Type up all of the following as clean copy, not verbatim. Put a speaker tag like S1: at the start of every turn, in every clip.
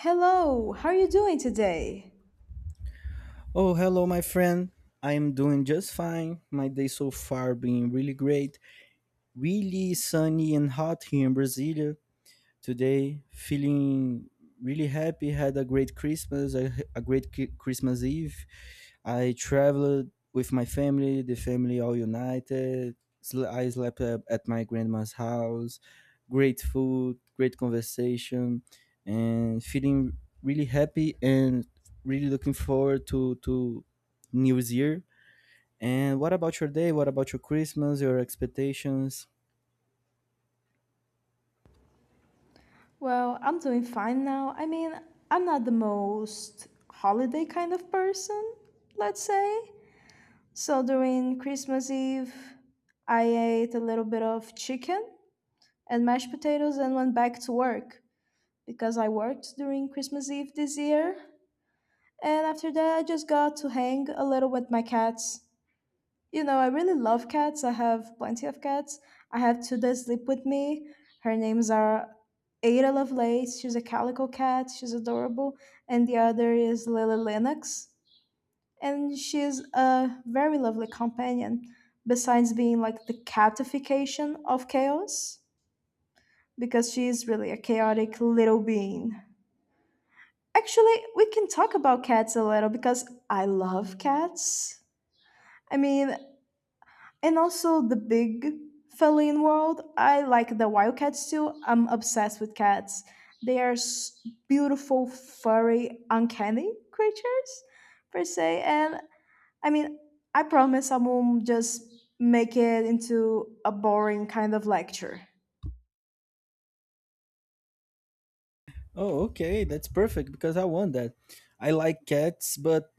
S1: Hello, how are you doing today?
S2: Oh, hello, my friend. I am doing just fine. My day so far been really great. Really sunny and hot here in Brasilia today, feeling really happy. Had a great Christmas, a great Christmas Eve. I traveled with my family, the family all united. I slept at my grandma's house. Great food, great conversation, and feeling really happy and really looking forward to New Year. And what about your day? What about your Christmas? Your expectations?
S1: Well, I'm doing fine now. I mean, I'm not the most holiday kind of person, let's say. So during Christmas Eve, I ate a little bit of chicken and mashed potatoes and went back to work because I worked during Christmas Eve this year. And after that, I just got to hang a little with my cats. I really love cats. I have plenty of cats. I have two that sleep with me. Her names are Ada Lovelace. She's a calico cat. She's adorable. And the other is Lily Lennox. And she's a very lovely companion, besides being like the catification of chaos, because she is really a chaotic little being. Actually, we can talk about cats a little because I love cats. I mean, and also the big feline world. I like the wild cats too. I'm obsessed with cats. They are beautiful, furry, uncanny creatures, per se. And I mean, I promise I won't just make it into a boring kind of lecture.
S2: Oh, okay, that's perfect because I want that. I like cats, but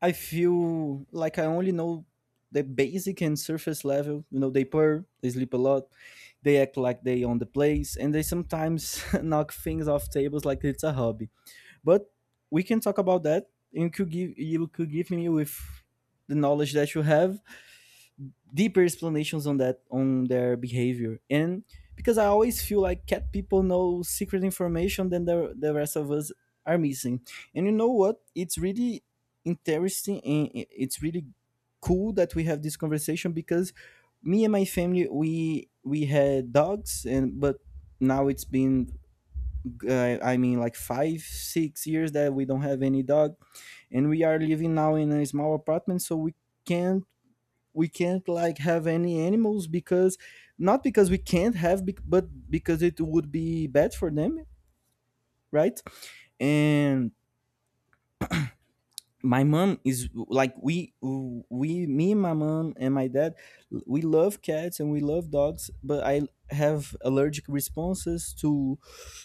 S2: I feel like I only know the basic and surface level. You know, they purr, they sleep a lot, they act like they own the place, and they sometimes knock things off tables like it's a hobby. But we can talk about that, and you could give me with the knowledge that you have deeper explanations on that, on their behavior. And because I always feel like cat people know secret information than the rest of us are missing. And you know what, it's really interesting, and it's really cool that we have this conversation, because me and my family, we had dogs. And but now it's been I mean like five six years that we don't have any dog, and we are living now in a small apartment, so can't we can't like have any animals, because not because we can't have, but because it would be bad for them, right? And my mom is like, we me and my mom and my dad, we love cats and we love dogs, but I have allergic responses to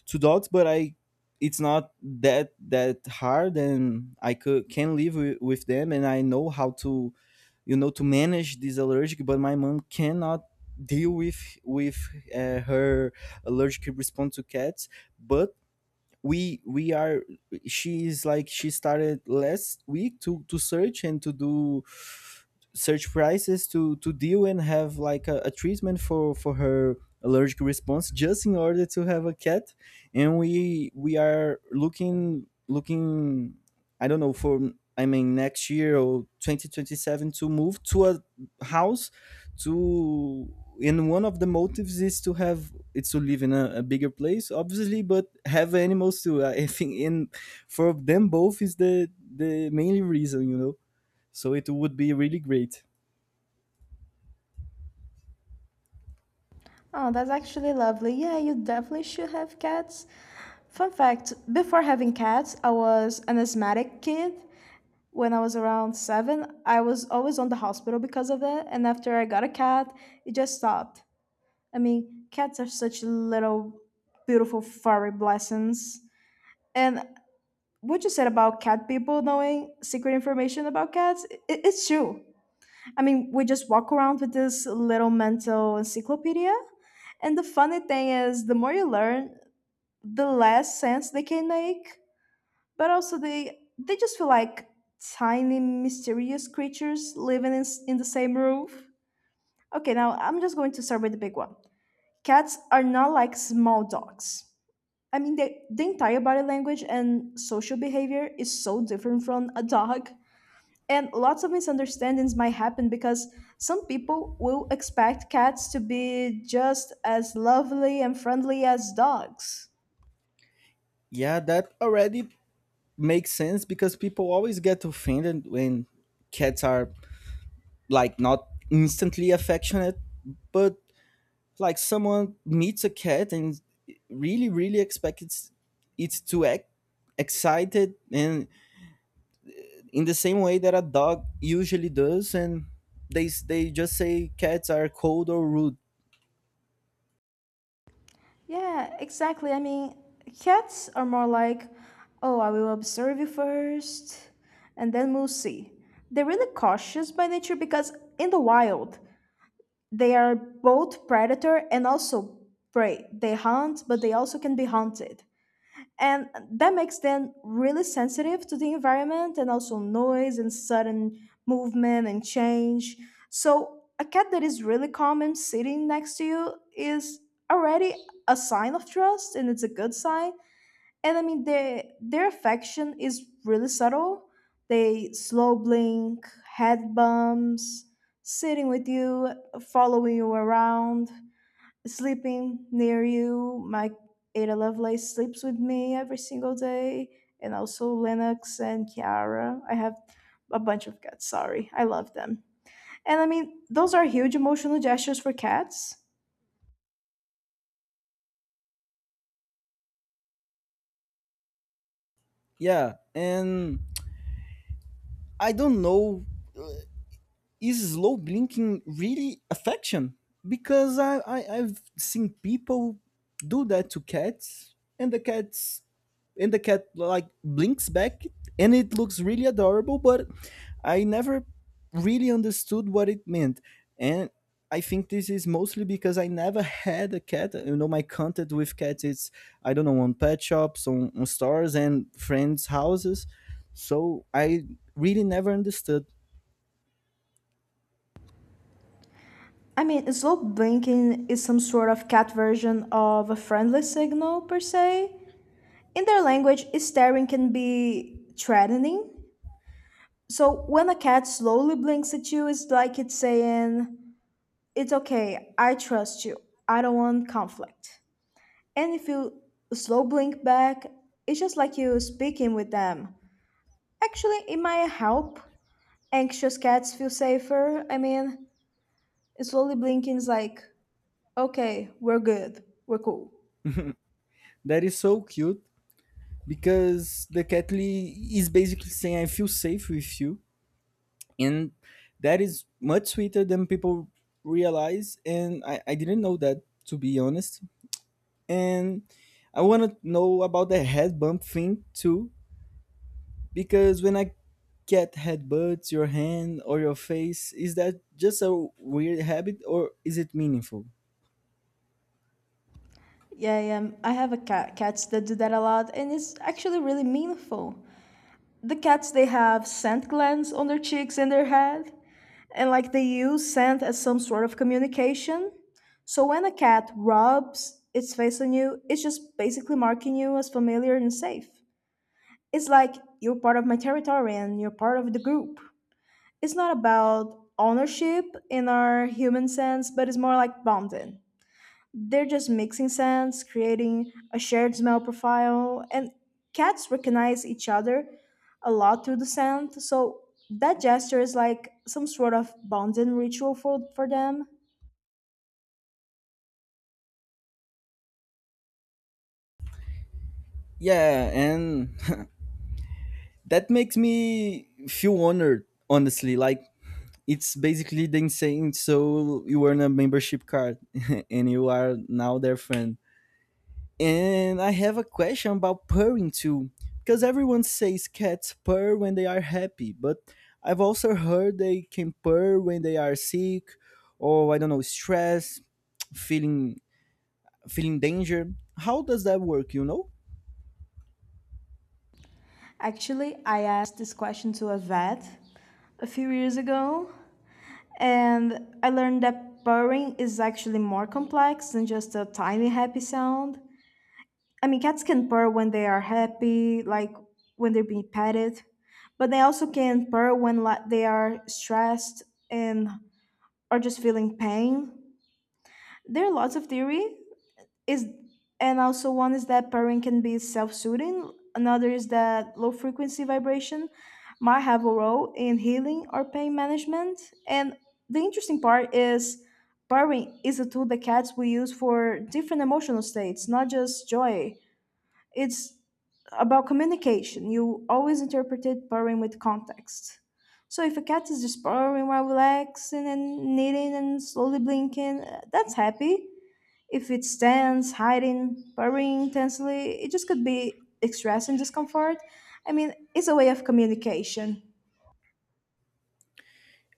S2: to dogs. But I it's not that hard, and I could can live with them, and I know how to you know to manage this allergic. But my mom cannot deal with her allergic response to cats. But we are she's like, she started last week to search and to do search prices to deal and have like a treatment for her allergic response just in order to have a cat. And we are looking, I don't know, for, I mean, next year or 2027, to move to a house, to and one of the motives is to have, it's to live in a bigger place, obviously, but have animals too. I think in for them both is the main reason. So it would be really great.
S1: Oh, that's actually lovely. Yeah, you definitely should have cats. Fun fact before having cats, I was an asthmatic kid when I was around seven, I was always on the hospital because of that. And after I got a cat, it just stopped. I mean, cats are such little, beautiful, furry blessings. And what you said about cat people knowing secret information about cats, it's true. I mean, we just walk around with this little mental encyclopedia. And the funny thing is, the more you learn, the less sense they can make. But also they just feel like tiny mysterious creatures living in the same roof. Okay, now I'm just going to start with the big one. Cats are not like small dogs. I mean, the entire body language and social behavior is so different from a dog. And lots of misunderstandings might happen because some people will expect cats to be just as lovely and friendly as dogs.
S2: Yeah, that already makes sense because people always get offended when cats are like not instantly affectionate, but like someone meets a cat and really, really expects it to act excited and in the same way that a dog usually does, and they just say cats are cold or rude.
S1: Yeah, exactly. I mean, cats are more like, oh, I will observe you first, and then we'll see. They're really cautious by nature because in the wild, they are both predator and also prey. They hunt, but they also can be hunted, and that makes them really sensitive to the environment and also noise and sudden movement and change. So a cat that is really calm and sitting next to you is already a sign of trust, and it's a good sign. And I mean, their affection is really subtle. They slow blink, head bumps, sitting with you, following you around, sleeping near you. My Ada Lovelace sleeps with me every single day, and also Lennox and Kiara. I have a bunch of cats. Sorry, I love them. And I mean, those are huge emotional gestures for cats.
S2: Yeah, and I don't know, is slow blinking really affection? Because I've seen people do that to cats, and the cat like blinks back, and it looks really adorable. But I never really understood what it meant, and I think this is mostly because I never had a cat. My contact with cats is, I don't know, on pet shops, on stores, and friends' houses. So I really never understood.
S1: I mean, slow blinking is some sort of cat version of a friendly signal, per se. In their language, staring can be threatening. So when a cat slowly blinks at you, it's like it's saying, "It's okay, I trust you. I don't want conflict." And if you slow blink back, it's just like you speaking with them. Actually, it might help. Anxious cats feel safer. I mean, slowly blinking is like, okay, we're good, we're cool.
S2: That is so cute, because the Catley is basically saying I feel safe with you, and that is much sweeter than people realize. And I didn't know that, to be honest. And I want to know about the head bump thing too, because when I get headbutts your hand or your face, is that just a weird habit or is it meaningful?
S1: Yeah, yeah. I have a cat cats that do that a lot, and it's actually really meaningful. The cats, they have scent glands on their cheeks and their head, and like they use scent as some sort of communication. So when a cat rubs its face on you, it's just basically marking you as familiar and safe. It's like you're part of my territory and you're part of the group. It's not about ownership in our human sense, but it's more like bonding. They're just mixing scents, creating a shared smell profile, and cats recognize each other a lot through the scent. So that gesture is like some sort of bonding ritual for them.
S2: Yeah, and that makes me feel honored, honestly. Like, it's basically them saying, so you earn a membership card and you are now their friend. And I have a question about purring too, because everyone says cats purr when they are happy, but I've also heard they can purr when they are sick or, I don't know, stress, feeling feeling danger. How does that work?
S1: Actually, I asked this question to a vet a few years ago, and I learned that purring is actually more complex than just a tiny happy sound. I mean, cats can purr when they are happy, like when they're being petted, but they also can purr when they are stressed and are just feeling pain. There are lots of theory. Is And also one is that purring can be self-soothing. Another is that low frequency vibration might have a role in healing or pain management. And the interesting part is purring is a tool that cats will use for different emotional states, not just joy. It's about communication. You always interpreted purring with context. So if a cat is just purring while relaxing and knitting and slowly blinking, that's happy. If it stands, hiding, purring intensely, it just could be expressing discomfort. I mean, it's a way of communication.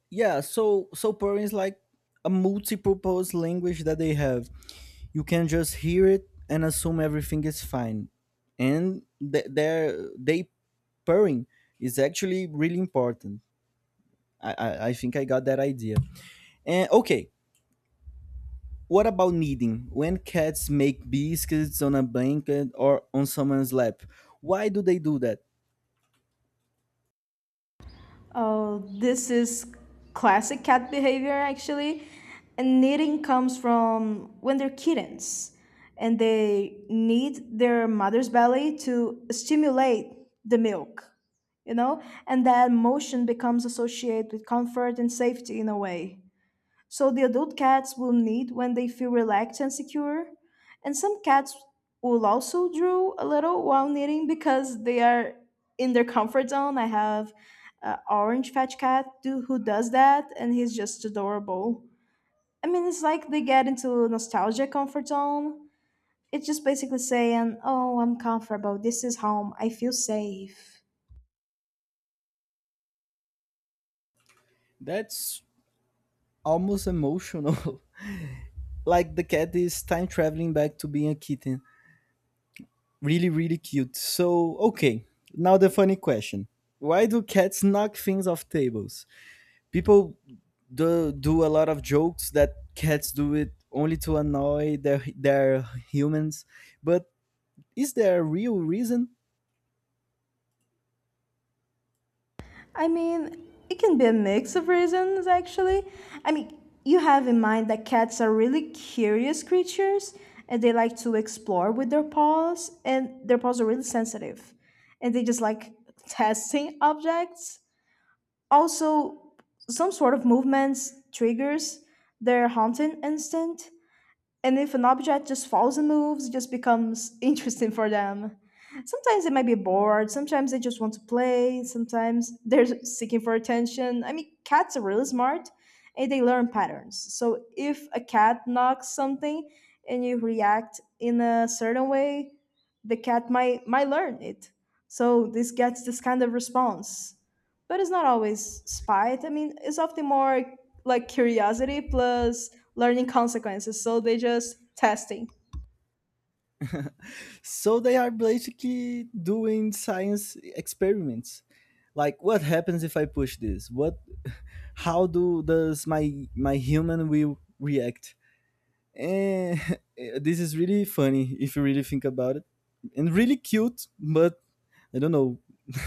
S2: Yeah, so purring is like a multi-purpose language that they have. You can just hear it and assume everything is fine, and th- their they purring is actually really important. I think I got that idea. And okay, what about kneading, when cats make biscuits on a blanket or on someone's lap? Why do they do that?
S1: Oh, this is classic cat behavior, actually. And knitting comes from when they're kittens and they need their mother's belly to stimulate the milk, you know? And that motion becomes associated with comfort and safety in a way. So the adult cats will need when they feel relaxed and secure. And some cats will also drool a little while knitting because they are in their comfort zone. I have an orange fetch cat do, who does that, and he's just adorable. I mean, it's like they get into nostalgia comfort zone. It's just basically saying, "Oh, I'm comfortable. This is home. I feel safe."
S2: That's almost emotional like the cat is time traveling back to being a kitten. Really, really cute. So okay, now the funny question: why do cats knock things off tables? People do a lot of jokes that cats do it only to annoy their humans. But is there a real reason?
S1: I mean, it can be a mix of reasons, actually. I mean, you have in mind that cats are really curious creatures and they like to explore with their paws, and their paws are really sensitive and they just like testing objects. Also, some sort of movements triggers their hunting instinct, and if an object just falls and moves, it just becomes interesting for them. Sometimes they might be bored, sometimes they just want to play, sometimes they're seeking for attention. I mean, cats are really smart and they learn patterns. So if a cat knocks something and you react in a certain way, the cat might learn it. So this gets this kind of response. But it's not always spite. I mean, it's often more like curiosity plus learning consequences, so they just testing.
S2: So they are basically doing science experiments, like, what happens if I push this, what how do does my human will react? And this is really funny if you really think about it, and really cute. But I don't know.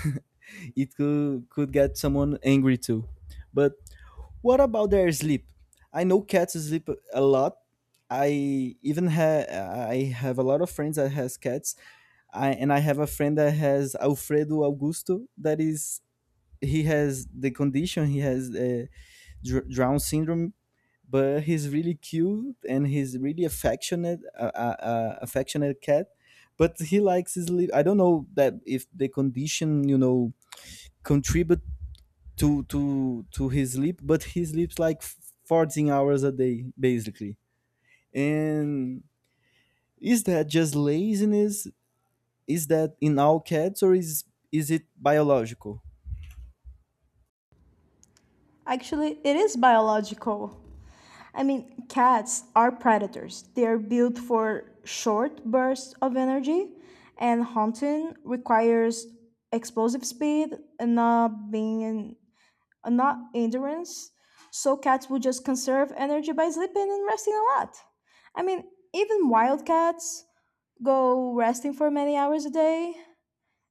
S2: It could get someone angry too. But what about their sleep? I know cats sleep a lot. I I have a lot of friends that has cats. I have a friend that has Alfredo Augusto. That is, he has the condition. He has Down syndrome, but he's really cute and he's really affectionate, affectionate cat. But he likes his sleep. I don't know that if the condition contribute to his sleep, but he sleeps like 14 hours a day, basically. And is that just laziness? Is that in all cats, or is it biological?
S1: Actually, it is biological. I mean, cats are predators. They are built for short bursts of energy, and hunting requires explosive speed and not being in, not endurance. So cats will just conserve energy by sleeping and resting a lot. I mean, even wild cats go resting for many hours a day,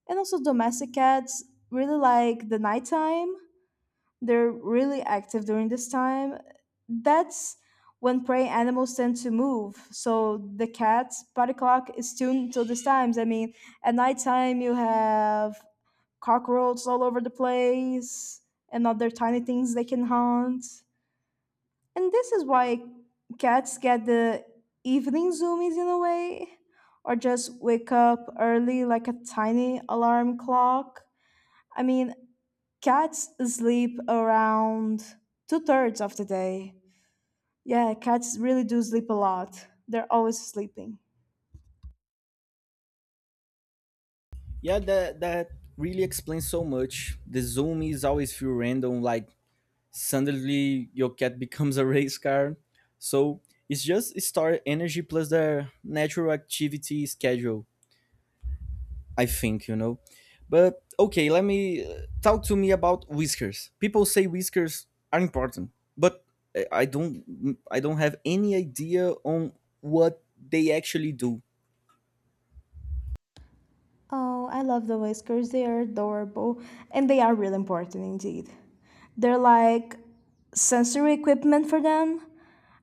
S1: and also domestic cats really like the nighttime. They're really active during this time. That's when prey animals tend to move. So the cat's body clock is tuned to these times. I mean, at nighttime, you have cockroaches all over the place and other tiny things they can hunt. And this is why cats get the evening zoomies in a way, or just wake up early like a tiny alarm clock. I mean, cats sleep around two-thirds of the day. Yeah, cats really do sleep a lot. They're always sleeping.
S2: Yeah, that really explains so much. The zoomies always feel random, like suddenly your cat becomes a race car. So it's just start energy plus their natural activity schedule, I think. But okay, let me talk to me about whiskers. People say whiskers are important, but I don't have any idea on what they actually do.
S1: Oh, I love the whiskers. They are adorable and they are really important indeed. They're like sensory equipment for them.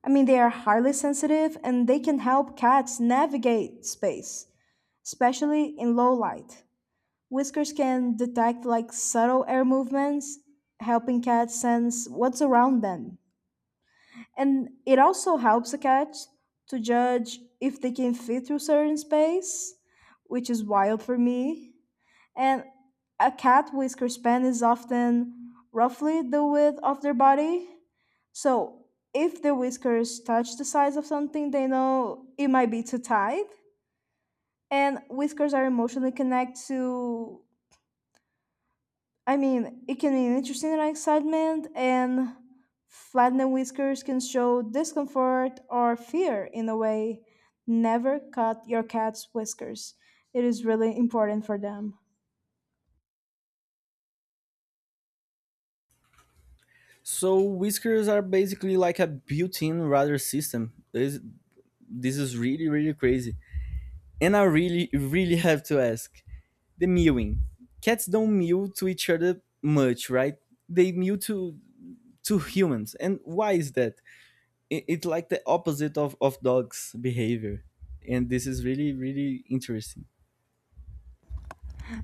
S1: I mean, they are highly sensitive and they can help cats navigate space, especially in low light. Whiskers can detect like subtle air movements, helping cats sense what's around them. And it also helps a cat to judge if they can fit through certain space, which is wild for me. And a cat whisker span is often roughly the width of their body. So if the whiskers touch the sides of something, they know it might be too tight. And whiskers are emotionally connected to. I mean, it can be interesting and excitement, and flattened whiskers can show discomfort or fear in a way. Never cut your cat's whiskers, it is really important for them.
S2: So whiskers are basically like a built-in radar system. This is really, really crazy. And I really, really have to ask. The mewing. Cats don't mew to each other much, right? They mew to humans. And why is that? It's like the opposite of dogs behavior, and this is really, really interesting.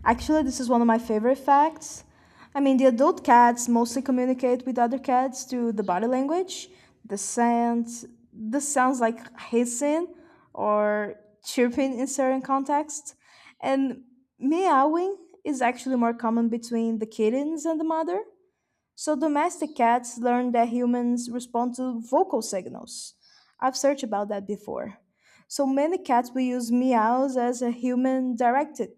S1: Actually, this is one of my favorite facts. I mean, the adult cats mostly communicate with other cats through the body language, the sounds, the sounds like hissing or chirping in certain contexts, and meowing is actually more common between the kittens and the mother. So domestic cats learn that humans respond to vocal signals. I've searched about that before. So many cats will use meows as a human directed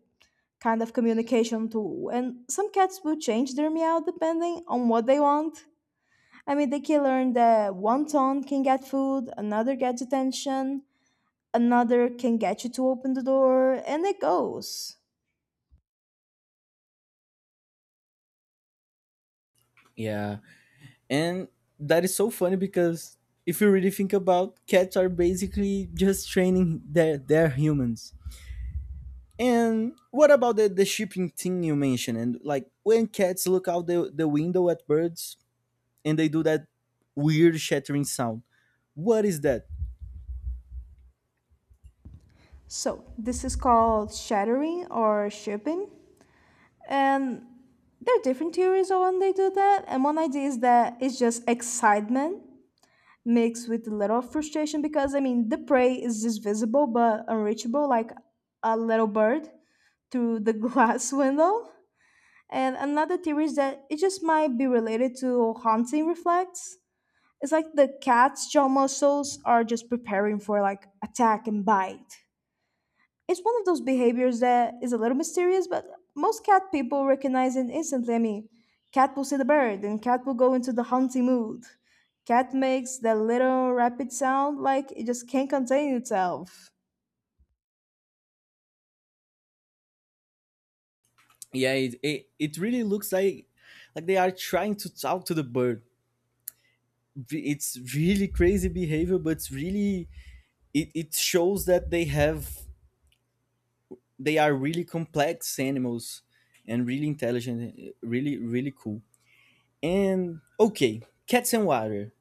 S1: kind of communication tool. And some cats will change their meow depending on what they want. I mean, they can learn that one tone can get food, another gets attention, another can get you to open the door, and it goes.
S2: Yeah, and that is so funny because, if you really think about, cats are basically just training their humans. And what about the shipping thing you mentioned, and like when cats look out the window at birds and they do that weird shattering sound? What is that?
S1: So, this is called shattering or shipping. And there are different theories on when they do that. And one idea is that it's just excitement mixed with a little frustration because, I mean, the prey is just visible but unreachable, like a little bird through the glass window. And another theory is that it just might be related to haunting reflex. It's like the cat's jaw muscles are just preparing for like attack and bite. It's one of those behaviors that is a little mysterious, but most cat people recognize it instantly. I mean, cat will see the bird and cat will go into the hunting mood. Cat makes that little rapid sound like it just can't contain itself.
S2: Yeah, it really looks like they are trying to talk to the bird. It's really crazy behavior, but it's really, it shows that they are really complex animals and really intelligent, really, really cool. And okay, cats and water.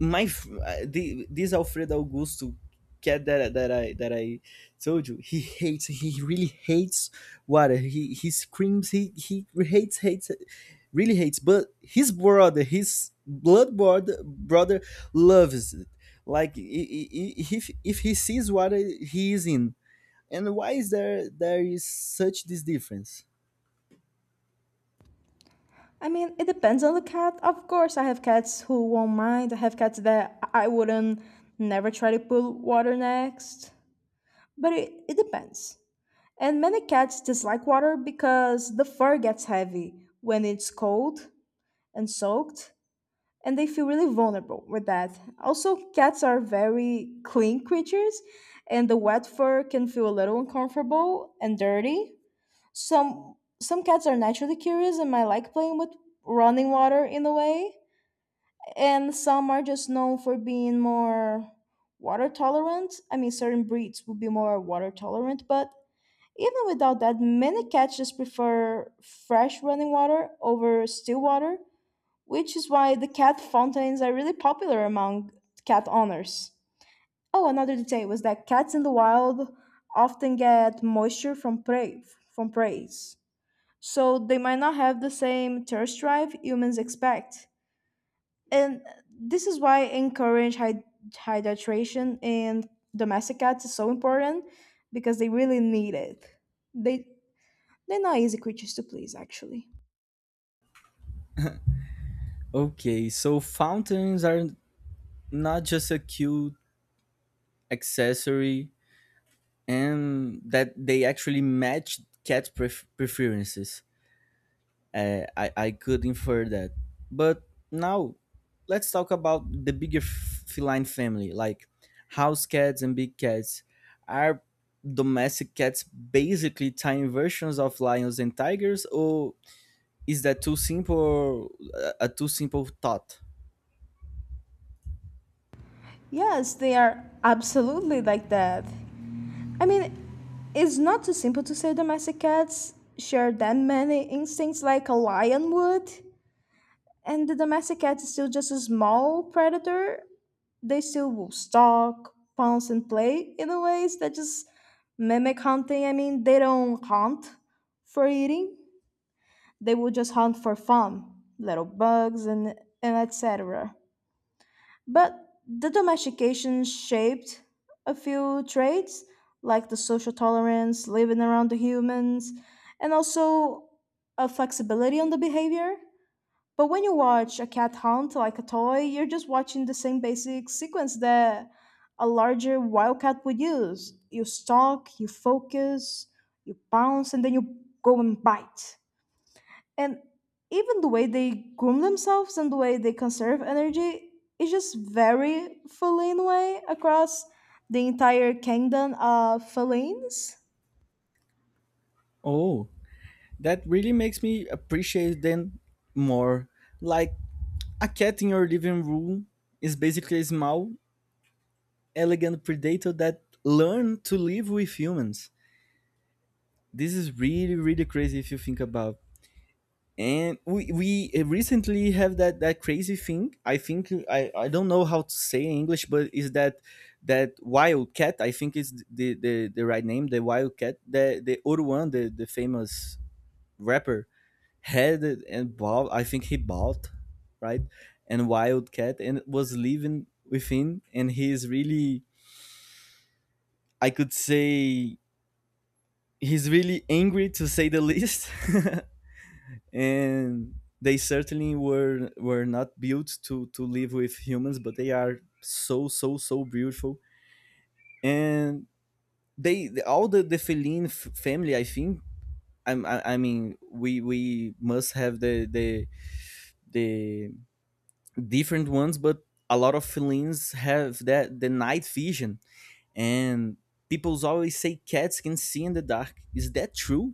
S2: This Alfredo Augusto cat that I told you, he hates. He really hates water. He screams. He hates, hates, really hates. But his brother, his blood brother loves it. Like if he sees water, he is in. And why is there there is such this difference?
S1: I mean, it depends on the cat. Of course, I have cats who won't mind. I have cats that I wouldn't never try to put water next. But it depends. And many cats dislike water because the fur gets heavy when it's cold and soaked, and they feel really vulnerable with that. Also, cats are very clean creatures, and the wet fur can feel a little uncomfortable and dirty. Some cats are naturally curious and might like playing with running water in a way. And some are just known for being more water tolerant. I mean, certain breeds would be more water tolerant, but even without that, many cats just prefer fresh running water over still water, which is why the cat fountains are really popular among cat owners. Oh, another detail was that cats in the wild often get moisture from prey's, so they might not have the same thirst drive humans expect. And this is why encourage hydration in domestic cats is so important because they really need it. They they're not easy creatures to please actually.
S2: Okay, so fountains are not just a cute accessory, and that they actually matched cat preferences. I could infer that, but now let's talk about the bigger feline family, like house cats and big cats. Are domestic cats basically tiny versions of lions and tigers, or is that too simple? A too simple thought?
S1: Yes, they are absolutely like that. I mean, it's not too simple to say domestic cats share that many instincts like a lion would, and the domestic cat is still just a small predator. They still will stalk, pounce, and play in the ways that just mimic hunting. I mean, they don't hunt for eating; they will just hunt for fun, little bugs and etc. But the domestication shaped a few traits like the social tolerance, living around the humans, and also a flexibility on the behavior. But when you watch a cat hunt like a toy, you're just watching the same basic sequence that a larger wildcat would use. You stalk, you focus, you bounce, and then you go and bite. And even the way they groom themselves and the way they conserve energy is just very feline way across the entire kingdom of felines.
S2: Oh, that really makes me appreciate them more. Like, a cat in your living room is basically a small, elegant predator that learned to live with humans. This is really, really crazy if you think about. And we recently have that crazy thing. I think I don't know how to say in English, but is that wildcat? I think is the right name. The wildcat. The Oruan, the famous rapper, had it and bought i think he bought, right? And wildcat, and was living with him, and he is really, I could say, he's really angry, to say the least. And they certainly were not built to live with humans, but they are so, so, so beautiful. And they all the feline family, I think, I mean, we must have the different ones, but a lot of felines have that, the night vision, and people always say cats can see in the dark. Is that true?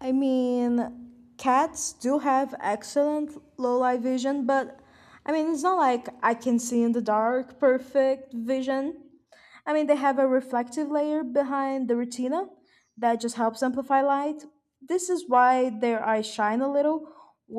S1: I mean, cats do have excellent low light vision, but I mean, it's not like I can see in the dark perfect vision. I mean, they have a reflective layer behind the retina that just helps amplify light. This is why their eyes shine a little when